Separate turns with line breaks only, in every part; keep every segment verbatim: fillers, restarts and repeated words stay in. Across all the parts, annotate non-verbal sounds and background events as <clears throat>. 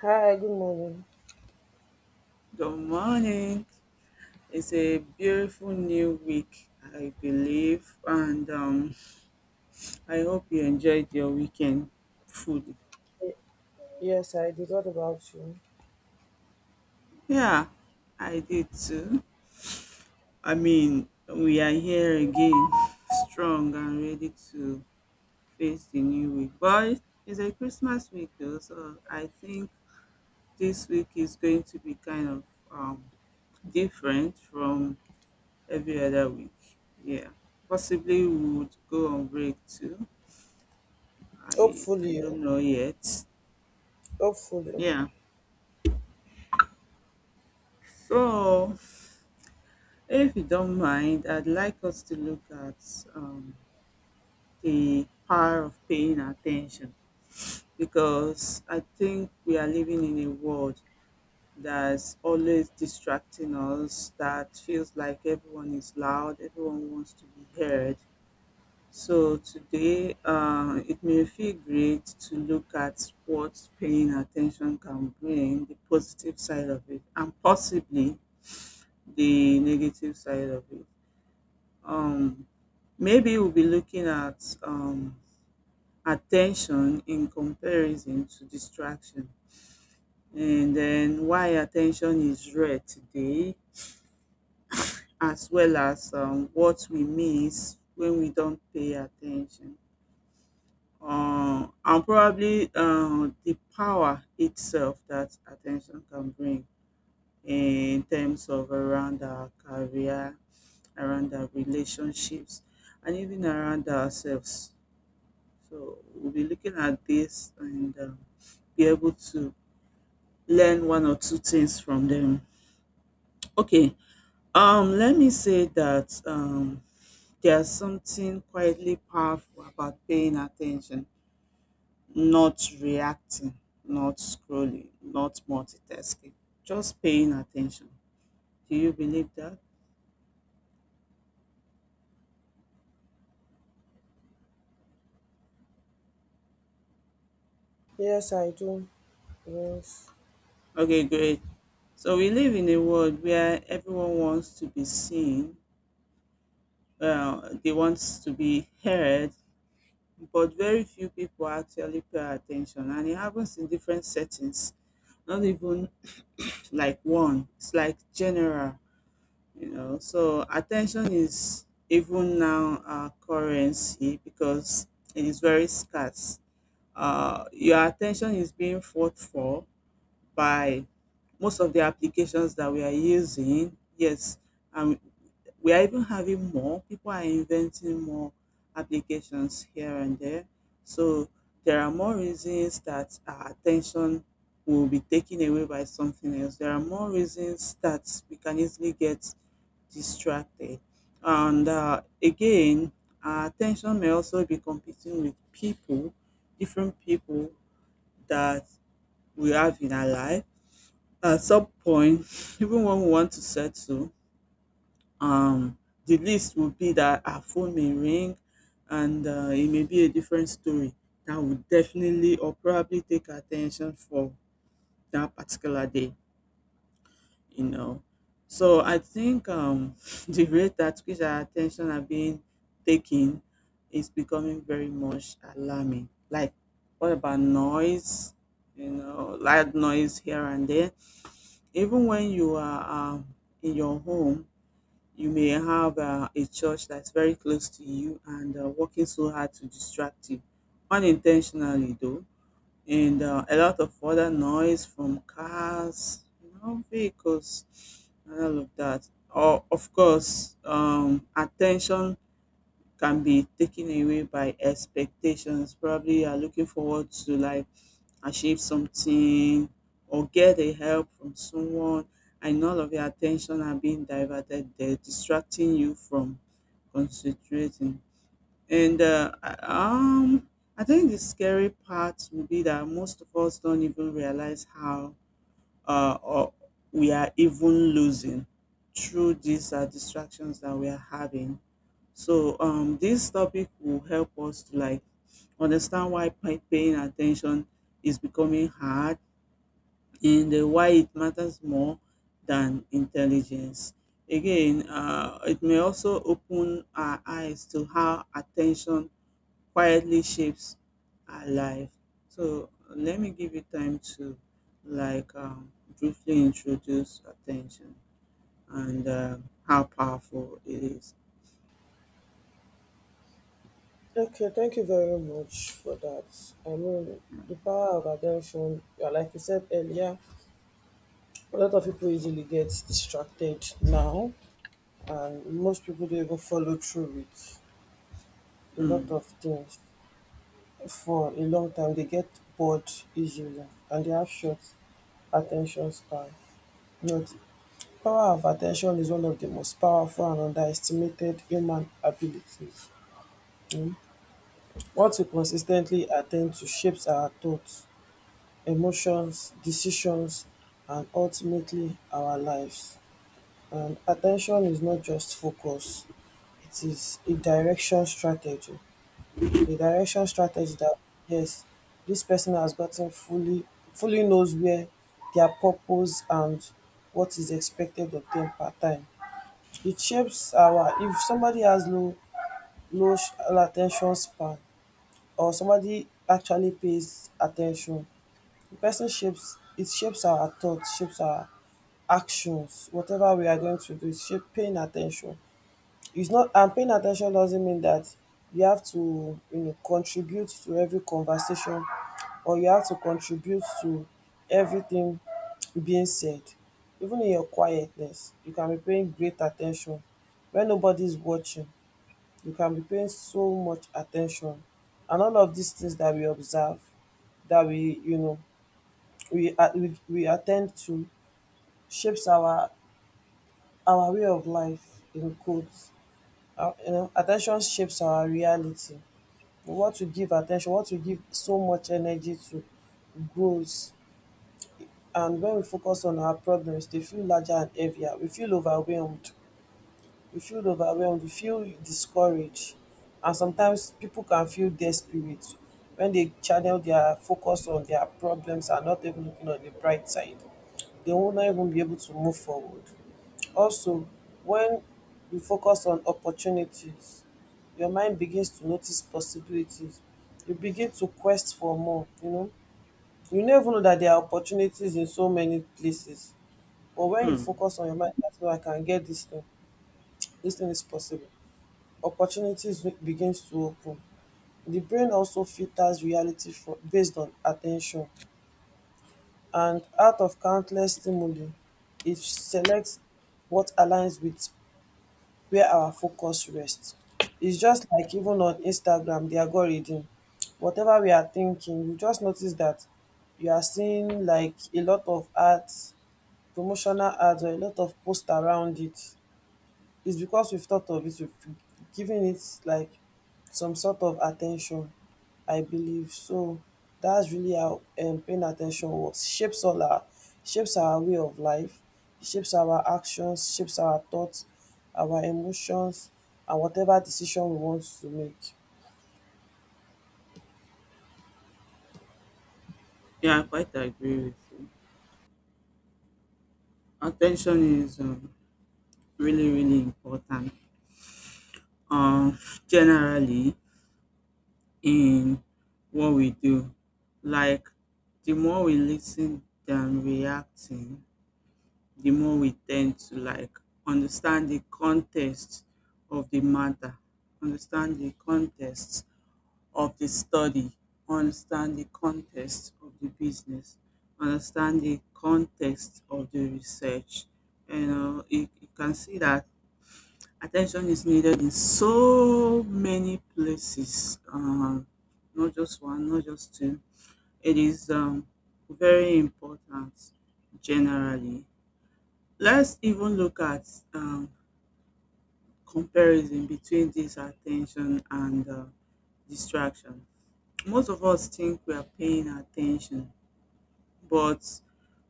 Hi, good morning.
Good morning. It's a beautiful new week, I believe, and um, I hope you enjoyed your weekend food.
Y- Yes, I did. What about you?
Yeah, I did too. I mean, we are here again, strong and ready to face the new week. But it's a Christmas week though, so I think this week is going to be kind of um, different from every other week. Yeah, possibly we would go on break too. I I
Hopefully,
don't know yet.
hopefully.
Yeah. So, if you don't mind, I'd like us to look at um, the power of paying attention, because I think we are living in a world that's always distracting us, that feels like everyone is loud, everyone wants to be heard. So, today uh, it may feel great to look at what paying attention can bring, the positive side of it, and possibly the negative side of it. Um, Maybe we'll be looking at um, attention in comparison to distraction, and then why attention is rare today, as well as um, what we miss when we don't pay attention. Uh, and probably uh, the power itself that attention can bring, in terms of around our career, around our relationships, and even around ourselves. So we'll be looking at this and um, be able to learn one or two things from them. Okay, um, let me say that um, there's something quietly powerful about paying attention, not reacting, not scrolling, not multitasking, just paying attention. Do you believe that?
Yes, I do. Yes.
Okay, great. So we live in a world where everyone wants to be seen, uh, they want to be heard, but very few people actually pay attention. And it happens in different settings, not even like one, it's like general, you know. So, attention is even now a currency because it is very scarce. Uh, your attention is being fought for by most of the applications that we are using. Yes, and we are even having more, people are inventing more applications here and there, so there are more reasons that our attention will be taken away by something else. There are more reasons that we can easily get distracted. And uh, again, our attention may also be competing with people, different people that we have in our life at some point. <laughs> Even when we want to settle, um, the least would be that our phone may ring, and uh, it may be a different story that would definitely or probably take her attention for that particular day, you know. So I think um, <laughs> the rate at which our attention are being taken is becoming very much alarming. Like, what about noise? You know, loud noise here and there. Even when you are um, in your home, you may have uh, a church that's very close to you and uh, working so hard to distract you, unintentionally though, and uh, a lot of other noise from cars, you know, vehicles, and all of that. Or, of course, um, attention can be taken away by expectations. Probably you are looking forward to like achieve something or get a help from someone, and all of your attention are being diverted there, distracting you from concentrating. And uh, I- um I think the scary part will be that most of us don't even realize how uh or we are even losing through these uh, distractions that we are having. So um this topic will help us to like understand why pay- paying attention is becoming hard, and uh, why it matters more than intelligence. Again, uh, it may also open our eyes to how attention quietly shapes our life. So let me give you time to like um, briefly introduce attention and uh, how powerful it is.
Okay, thank you very much for that. I mean, the power of attention, yeah, like you said earlier, a lot of people easily get distracted now, and most people don't even follow through with a lot
Mm,
of things for a long time. They get bored easily, and they have short attention span. Not power of attention is one of the most powerful and underestimated human abilities. Mm. What we consistently attend to shapes our thoughts, emotions, decisions, and ultimately our lives. And attention is not just focus, it is a direction strategy. A direction strategy that, yes, this person has gotten fully, fully knows where their purpose and what is expected of them per time, it shapes our, if somebody has low low sh- attention span or somebody actually pays attention, the person shapes, it shapes our thoughts, shapes our actions, whatever we are going to do is shape paying attention. It's not, and paying attention doesn't mean that you have to, you know, contribute to every conversation or you have to contribute to everything being said. Even in your quietness you can be paying great attention. When nobody's watching you can be paying so much attention, and all of these things that we observe, that we, you know, we at we we attend to, shapes our our way of life, in quotes. Uh, you know, attention shapes our reality. What we give attention, what we give so much energy to, grows. And when we focus on our problems, they feel larger and heavier. We feel overwhelmed. We feel overwhelmed. We feel discouraged. And sometimes people can feel desperate when they channel their focus on their problems and not even looking on the bright side. They will not even be able to move forward. Also, when you focus on opportunities, your mind begins to notice possibilities. You begin to quest for more. You know, you no even know that there are opportunities in so many places, but when you
mm.
focus on your mind that no, I can get this thing, this thing is possible, opportunities be- begins to open. The brain also filters reality for based on at ten tion, and out of countless stimuli it selects what aligns with wia our focus rest. It's just like even on Instagram, the algorithm, whatever we are thinking, you just notice that you are seeing like a lot of ads, promotional ads or a lot of posts around it. It's because we've thought of it, we've given it like some sort of attention, I believe. So that's really how um, paying attention works. Shapes all our, shapes our way of life, shapes our actions, shapes our thoughts, our emotions, and whatever decision we want to make.
Yeah, I quite agree with you. Attention is um, really, really important. Um, Generally, in what we do. Like, the more we listen than reacting, the more we tend to like understand the context of the matter, understand the context of the study, understand the context of the business, understand the context of the research. You know, you, you can see that attention is needed in so many places, uh, not just one, not just two. It is um, very important generally. Let's even look at um, comparison between this attention and uh, distraction. Most of us think we are paying attention, but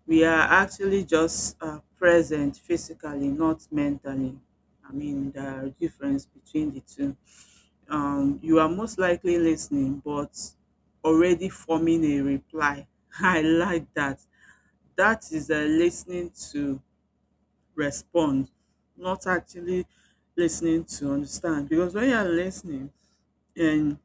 we are actually just uh, present physically, not mentally. I mean, there are difference between the two. Um, you are most likely listening but already forming a reply. <laughs> I like that. That is a listening to respond, not actually listening to understand. Because when you are listening and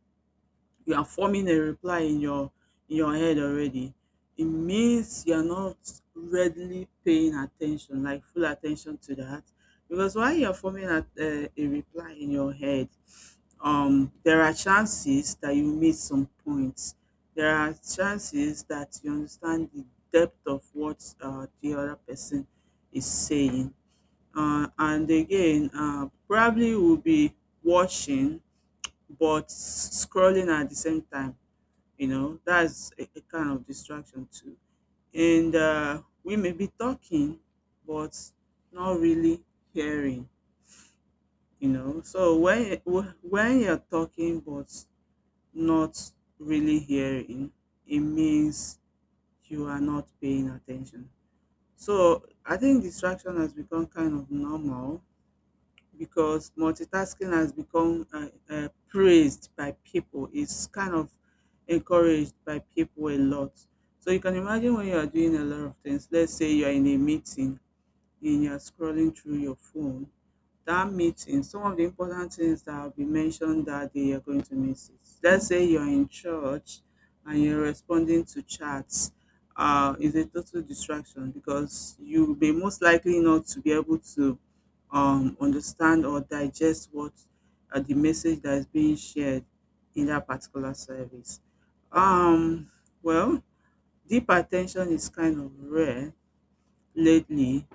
you are forming a reply in your, in your head already, it means you are not readily paying attention, like full attention to that. Because while you are forming a, uh, a reply in your head, um there are chances that you miss some points. There are chances that you understand the depth of what uh, the other person is saying. Uh, and again, uh, probably will be watching but scrolling at the same time. You know, that's a, a kind of distraction too. And uh, we may be talking, but not really hearing. You know, so when when you're talking, but not really hearing, it means you are not paying attention. So I think distraction has become kind of normal because multitasking has become uh, uh, praised by people. It's kind of encouraged by people a lot. So you can imagine when you are doing a lot of things. Let's say you are in a meeting and you're scrolling through your phone, that meeting, some of the important things that will be mentioned that day you're going to miss it. Let's say you're in church and you're responding to chats, uh, is a total distraction because you'll be most likely not to be able to um, understand or digest what uh, the message that is being shared in that particular service. Um, well, deep attention is kind of rare lately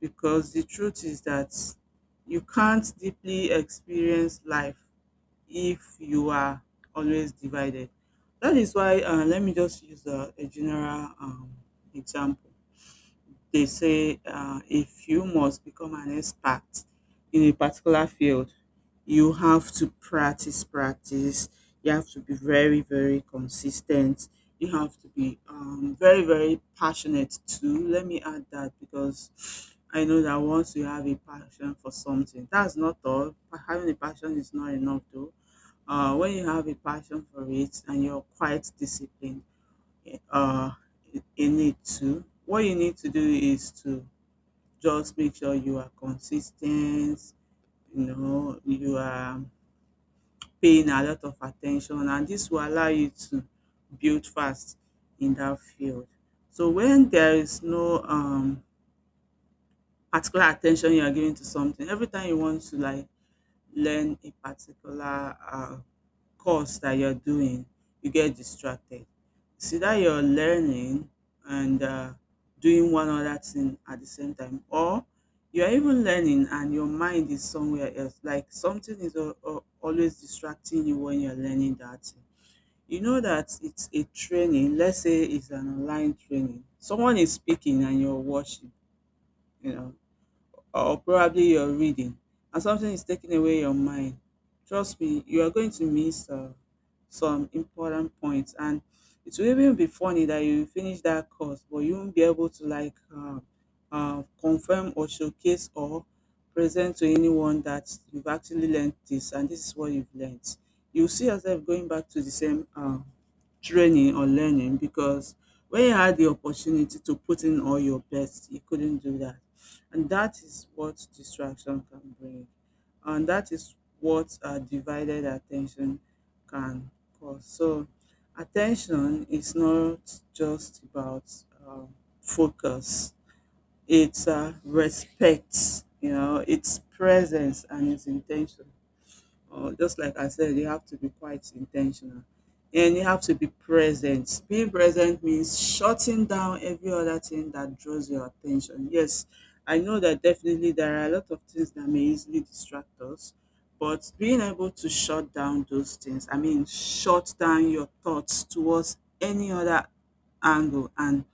because the truth is that you can't deeply experience life if you are always divided. That is why, uh, let me just use a, a general um, example. They say uh, if you must become an expert in a particular field, you have to practice, practice. You have to be very, very consistent. You have to be um, very, very passionate too. Let me add that because I know that once you have a passion for something, that's not all. Having a passion is not enough though. Uh, when you have a passion for it and you're quite disciplined, uh, a need to. What you need to do is to just make sure you are consistent, you know, you are paying a lot of attention, and this will allow you to build fast in that field. So when there is no um, particular attention you are giving to something, every time you want to like learn a particular uh, course that you're doing, you get distracted. It's either you're learning and uh, doing one other thing at the same time, or you're even learning and your mind is somewhere else. Like something is al- al- always distracting you when you're learning that thing. You know that it's a training, let's say it's an online training. Someone is speaking and you're watching, you know, or probably you're reading and something is taking away your mind, trust me, you are going to miss uh, some important points. And it will even be funny that you finish that course, but you won't be able to like uh, uh, confirm or showcase or present to anyone that you've actually learned this and this is what you've learned. You see yourself going back to the same uh, training or learning because when you had the opportunity to put in all your best, you couldn't do that. And that is what distraction can bring. And that is what uh, divided attention can cause. So, attention is not just about um, focus, it's uh, respect, you know, it's presence and it's intention. Or just like I said, you have to be quite intentional and you have to be present. Being present means shutting down every other thing that draws your attention. Yes, I know that definitely there are a lot of things that may easily distract us, but being able to shut down those things, I mean, shut down your thoughts towards any other angle and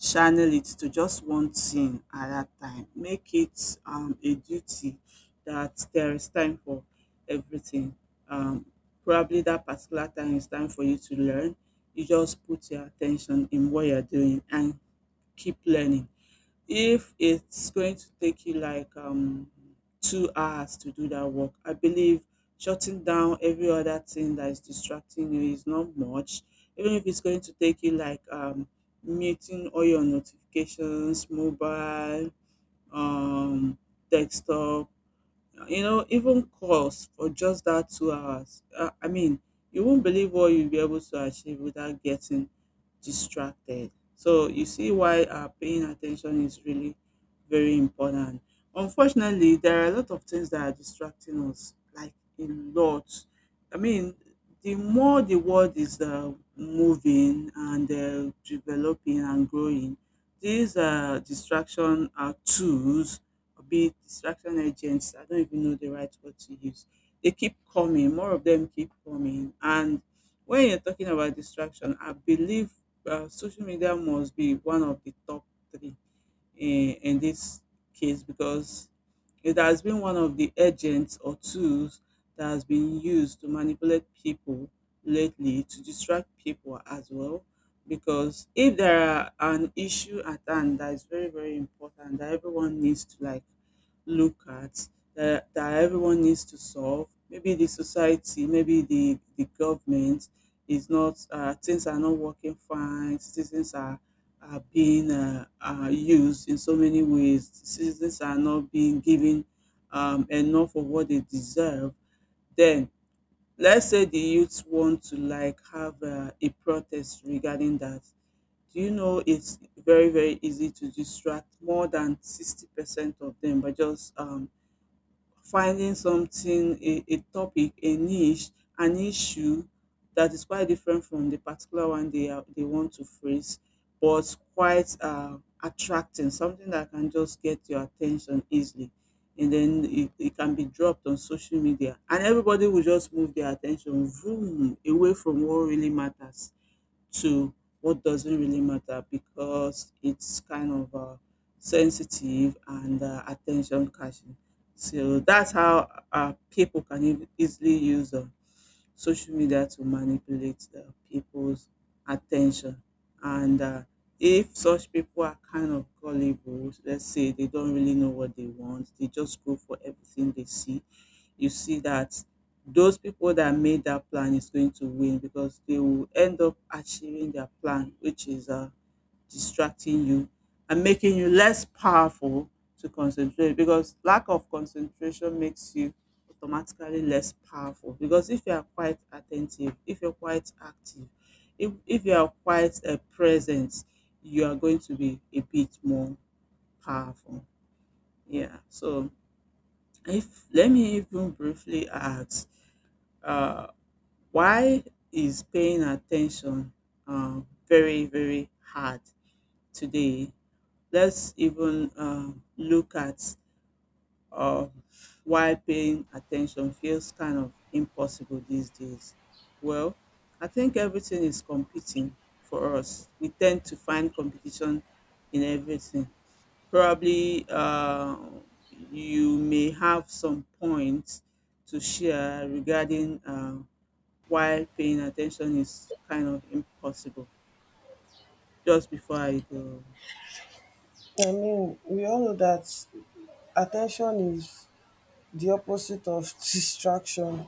channel it to just one thing at that time. Make it um, a duty that there is time for everything. Um, Probably that particular time is time for you to learn. You just put your attention in what you're doing and keep learning. If it's going to take you like um two hours to do that work, I believe shutting down every other thing that is distracting you is not much. Even if it's going to take you like um muting all your notifications, mobile, um desktop, you know, even course for just that two hours. Uh, I mean, you won't believe what you'll be able to achieve without getting distracted. So you see why uh, paying attention is really very important. Unfortunately, there are a lot of things that are distracting us, like a lot. I mean, the more the world is uh, moving and uh, developing and growing, these uh, distraction uh, tools, or be it distraction agents, I don't even know the right word to use. They keep coming, more of them keep coming. And when you're talking about distraction, I believe uh, social media must be one of the top three in, in this case, because it has been one of the agents or tools that has been used to manipulate people lately, to distract people as well. Because if there are an issue at hand that is very, very important, that everyone needs to like look at, that, that everyone needs to solve. Maybe the society, maybe the, the government is not, uh, things are not working fine, citizens are, are being uh, uh, used in so many ways, citizens are not being given um, enough of what they deserve. Then, let's say the youths want to like have uh, a protest regarding that. Do you know it's very, very easy to distract more than sixty percent of them by just um, finding something, a a topic, a niche, an issue that is quite different from the particular one they are they want to phrase, but quite uh attracting, something that can just get your attention easily. And then it, it can be dropped on social media, and everybody will just move their attention vroom, away from what really matters to what doesn't really matter, because it's kind of uh, sensitive and uh, attention catching. So that's how uh, people can eas- easily use uh, social media to manipulate the people's attention. And uh, if such people are kind of gullible, let's say they don't really know what they want, they just go for everything they see, you see that those people that made that plan is going to win, because they will end up achieving their plan, which is uh, distracting you and making you less powerful to concentrate, because lack of concentration makes you automatically less powerful. Because if you are quite attentive, if you're quite active, if if you are quite um present, you are going to be a bit more powerful. Yeah. So if let me even briefly ask, uh, why is paying attention um very, very hard today? Let's even um look at, or while paying attention feels kind of impossible these days? Well, I think everything is competing for us. We tend to find competition in everything. Probably uh, you may have some points to share regarding uh, why paying attention is kind of impossible. Just before I go,
I mean, we all know that attention is the opposite of distraction.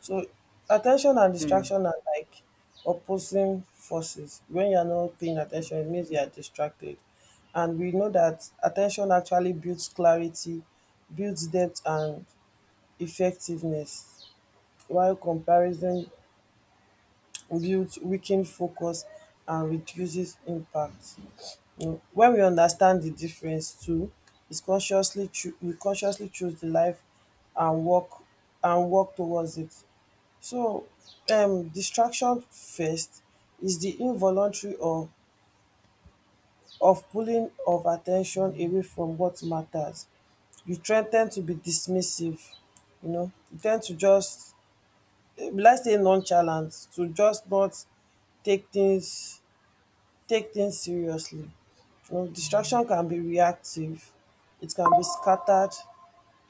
So at ten tion and
yeah,
distraction are like opposing forces. When you are not paying at ten tion, it means you are distracted. And we know that at ten tion actually builds clarity, builds depth and effectiveness, while comparison builds weakened focus and reduces impact. Mm. When we understand di difference too, is consciously choo- we consciously choose di life and work, and work towards it. So um distraction first is di involuntary or of pulling of at ten tion away from what matters. You try ten d to be dismissive, you know, you ten d to just be like sey nonchalant, to just not take things take things seriously. Um, distraction can be reactive, it can be scattered,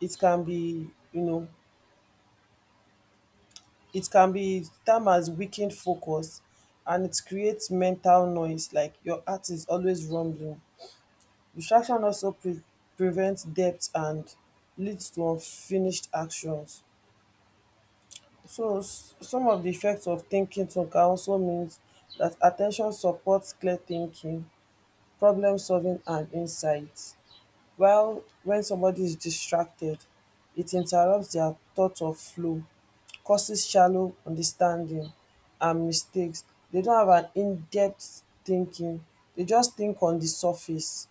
it can be, you know, it can be termed as weakened focus, and it creates mental noise, like your heart is always rumbling. Distraction also pre- prevents depth and leads to unfinished actions. So, s- some of the effects of thinking too can also mean that attention supports clear thinking, problem solving, and insight. While when somebody is distracted, it interrupts their thought of flow, causes shallow understanding and mistakes. They don't have an in-depth thinking. They just think on the surface.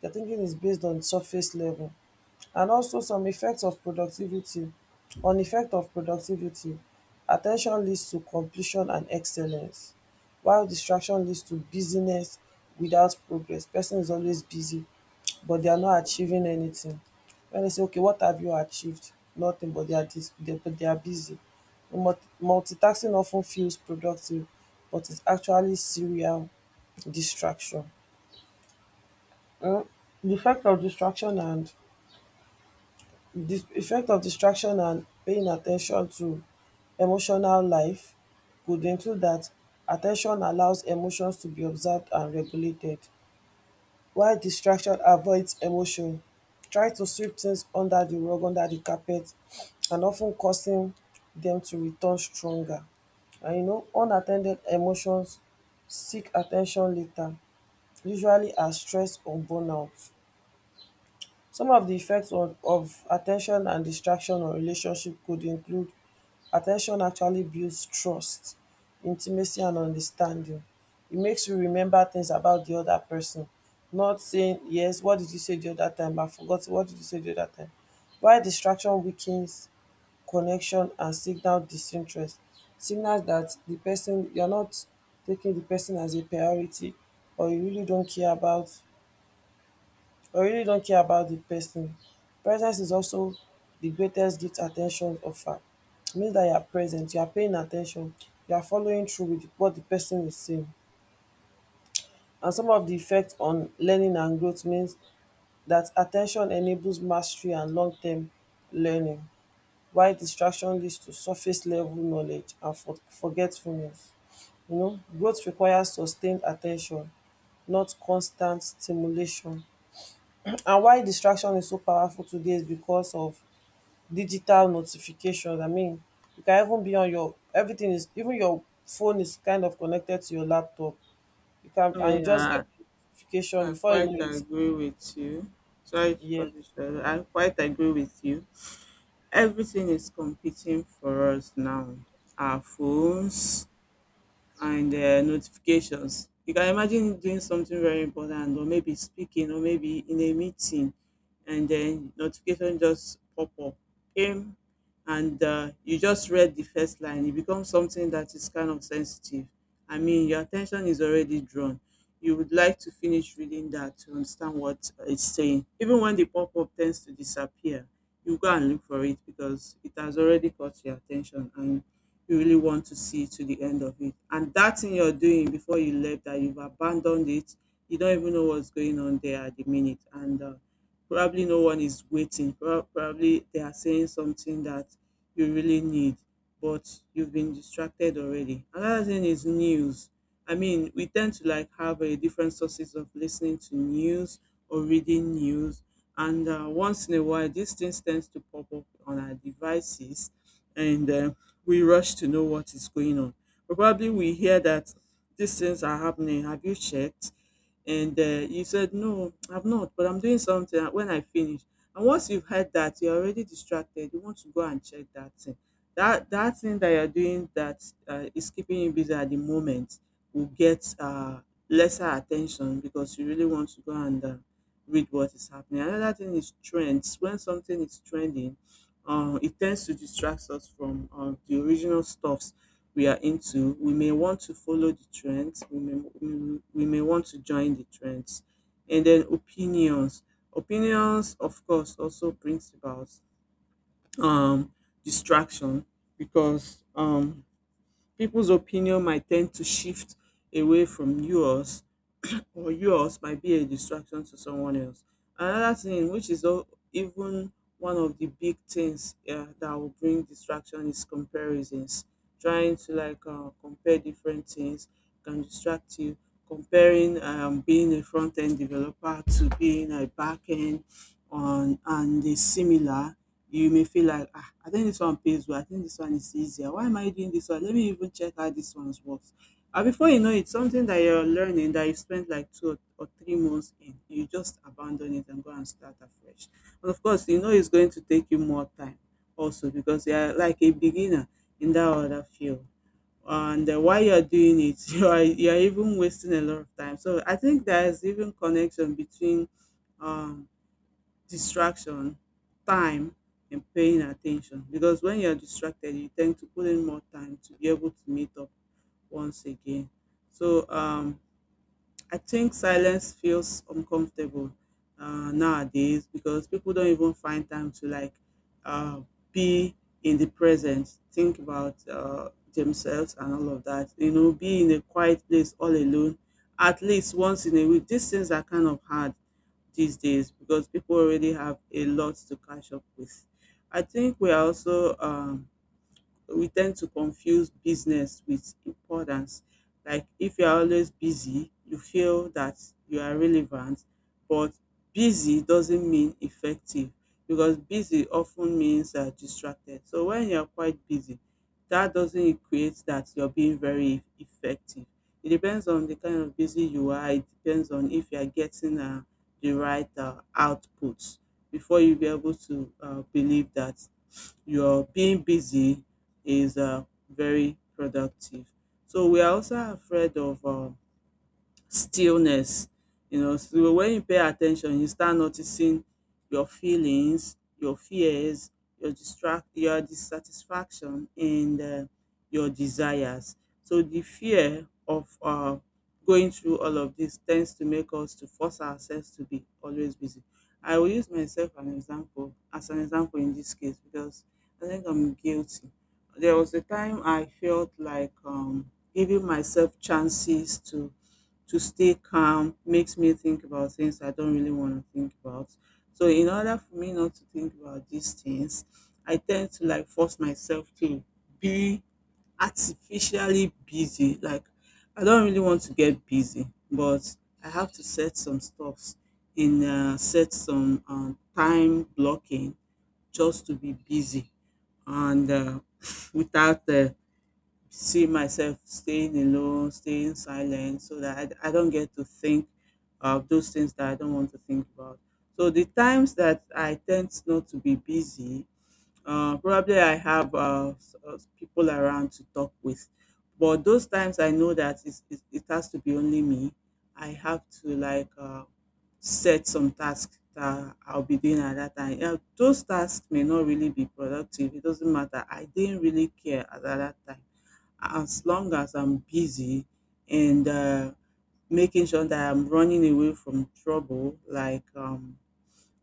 Their thinking is based on surface level. And also some effects of productivity, on effect of productivity attention leads to completion and excellence, while distraction leads to busyness without progress. Person is always busy but they are not achieving anything. When they say okay what have you achieved, nothing, but they are dis they, but they are busy. Multi multitasking often feels productive but it's actually serial distraction. um. The effect of distraction and the effect of distraction and paying at ten tion to emotional life could include that at ten tion allows emotions to be observed and regulated, while distraction avoids emotion, try to sweep things under the rug, under the carpet, and of ten causing them to return stronger. And you know unat ten ded emotions seek at ten tion later, usually as stress or burnout. Some of the effects of of attention and distraction on relationship could include attention actually builds trust, intimacy, and understanding. It makes you remember things about the other person, not saying, yes, what did you say the other time? I forgot. What did you say the other time? While distraction weakens connection and signal disinterest, signals that the person, you're not taking the person as a priority, or you really don't care about, but we really don't care about the person. Presence is also the greatest gift at ten tion offer. It means that you are present, you are paying at ten tion, you are following through with what the person is saying. And some of the effect on learning and growth means that at ten tion enables mastery and long term learning, while distraction leads to surface level knowledge and for forgetfulness. You know, growth requires sustained at ten tion, not constant stimulation. <clears throat> And why distraction is so powerful today is because of digital notifications. I mean, you can even be on your, everything is even, your phone is kind of connected to your laptop. You can, and you just
yeah,
get the notification
I
before you
quite
know it.
agree with you. Sorry to
Yeah.
cut you short. I quite agree with you. Everything is competing for us now. Our phones, and uh, notifications. You can imagine doing something very important, or maybe speaking, or maybe in a meeting, and then notification just pop up, came, and uh, you just read the first line. It becomes something that is kind of sensitive. I mean, your attention is already drawn. You would like to finish reading that to understand what it's saying. Even when the pop up tends to disappear, you go and look for it, because it has already caught your attention and you really want to see to the end of it. And that thing you're doing before you left, that you've abandoned it, you don't even know what's going on there at the minute. And uh, probably no one is waiting. Prob- Probably they are saying something that you really need, but you've been distracted already. Another thing is news. I mean, we tend to like have a different sources of listening to news or reading news, and uh, once in a while, these things tend to pop up on our devices, and uh, we rush to know what is going on. Probably we hear that these things are happening. Have you checked? And uh, you said no, I've not, but I'm doing something. Uh, When I finish, and once you've heard that, you're already distracted. You want to go and check that thing. That that thing that you're doing, that uh, is keeping you busy at the moment, will get uh, lesser attention, because you really want to go and uh, read what is happening. Another thing is trends. When something is trending, uh, it tends to distract us from uh, the original stuffs we are into. We may want to follow the trends. We may we, we may want to join the trends, and then opinions. Opinions, of course, also brings about um, distraction, because um, people's opinion might tend to shift away from yours, <clears throat> or yours might be a distraction to someone else. Another thing, which is al- even one of the big things uh, that will bring distraction, is comparisons. Trying to like uh, compare different things can distract you. Comparing um, being a front end developer to being a back end on and is similar, you may feel like, ah, I think this one pays well. I think this one is easier. Why am I doing this one? Let me even check how this one works. And before you know it, something that you're learning that you spent like two or three months in, you just abandon it and go and start afresh. And of course, you know it's going to take you more time also, because you are like a beginner in that other field, and uh, while you're doing it, <laughs> you are you're even wasting a lot of time. So i think there's even connection between um distraction, time and paying attention, because when you're distracted you tend to put in more time to be able to meet up once again. So um I think silence feels uncomfortable uh, nowadays, because people don't even find time to like uh, be in the present, think about uh, themselves and all of that. You know, be in a quiet place all alone at least once in a week. These things are kind of hard these days because people already have a lot to catch up with. I think we are also um, we tend to confuse business with importance. Like if you are always busy, you feel that you are relevant, but busy doesn't mean effective, because busy often means uh, distracted. So when you're quite busy, that doesn't equate that you're being very effective. It depends on the kind of busy you are. It depends on if you are getting uh, the right uh, outputs before you be able to uh, believe that your being busy is uh, very productive. So we are also afraid of um, stillness, you know. So when you pay attention, you start noticing your feelings, your fears, your distract your dissatisfaction and um your desires. So the fear of um going through all of this tends to make us to force ourselves to be always busy. I will use myself an example as an example in this case, because I think I'm guilty. There was a time I felt like um giving myself chances to to stay calm makes me think about things I don't really want to think about. So in order for me not to think about these things, I tend to like force myself to be artificially busy. Like I don't really want to get busy, but I have to set some stuffs in uh, set some um, time blocking just to be busy, and uh, <laughs> without uh, see myself staying alone, staying silent, so that I, I don't get to think of those things that I don't want to think about. So the times that I tend not to be busy, uh, probably I have uh, s- uh, people around to talk with, but those times I know that it's, it, it has to be only me. I have to like uh, set some tasks that I'll be doing at that time. Yeah, those tasks may not really be productive. It doesn't matter. I didn't really care at that time, as long as I'm busy and uh, making sure that I'm running away from trouble, like um,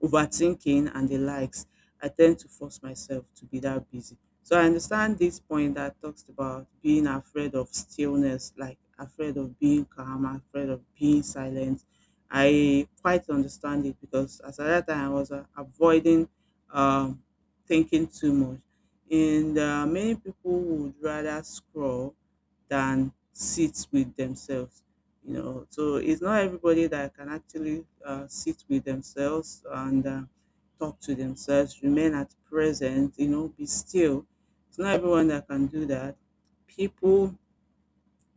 overthinking and the likes, I tend to force myself to be that busy. So I understand this point that talks about being afraid of stillness, like afraid of being calm, afraid of being silent. I quite understand it because as at that time I was uh, avoiding um, thinking too much. And uh, many people would rather scroll than sit with themselves, you know so it's not everybody that can actually uh, sit with themselves and uh, talk to themselves, remain at present, you know be still. It's not everyone that can do that. People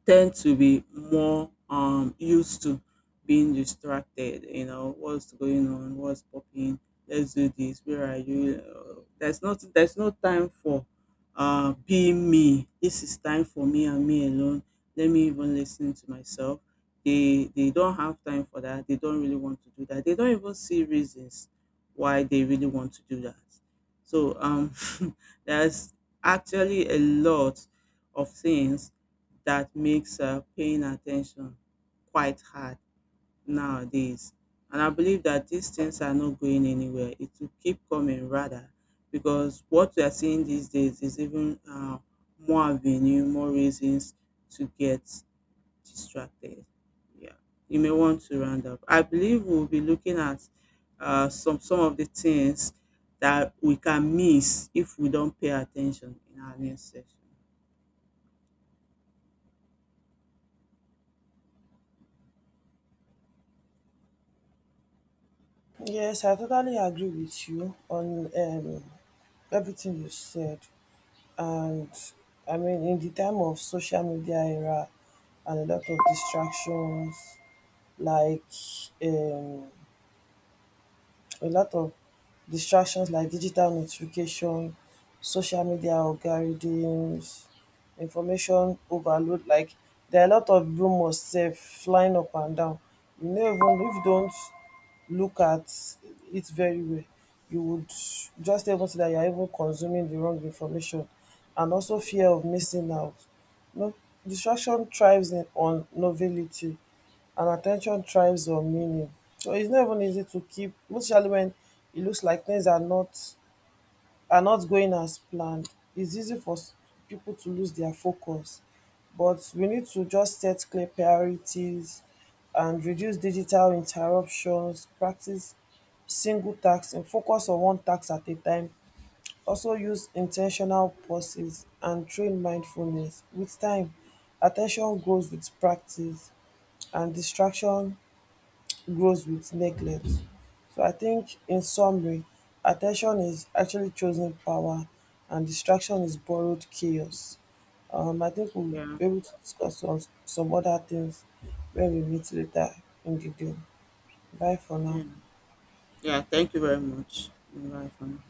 tend to be more um used to being distracted, you know what's going on, what's popping, let's do this, where are you? uh, there's not there's no time for uh being me. This is time for me and me alone. Let me even listen to myself. They they don't have time for that. They don't really want to do that. They don't even see reasons why they really want to do that. So um <laughs> there's actually a lot of things that makes uh, paying attention quite hard nowadays. And I believe that these things are not going anywhere. It will keep coming rather, because what we are seeing these days is even uh, more avenue, more reasons to get distracted. Yeah, you may want to round up. I believe we'll be looking at uh, some some of the things that we can miss if we don't pay attention in our next session.
Yes, I totally agree with you on um, everything you said. And I mean, in the time of social media era and a lot of distractions, like um, a lot of distractions like digital notification, social media algorithms, information overload, like there are a lot of rumours sef flying up and down. You no even if you don't look at it very well, you would just able to that you are even consuming the wrong information, and also fear of missing out. No, distraction thrives in, on novelty, and attention thrives on meaning. So it's not even easy to keep, especially when it looks like things are not, are not going as planned. It's easy for s- people to lose their focus, but we need to just set clear priorities and reduce digital interruptions, practice single tasks and focus on one task at a time. Also use intentional pauses and train mindfulness. With time, attention grows with practice and distraction grows with neglect. So I think in summary, attention is actually chosen power and distraction is borrowed chaos. Um, I think we'll
Yeah.
be able to discuss on some other things when we meet later in the day. Bye for
Yeah.
now.
Yeah, thank you very much. Bye for now.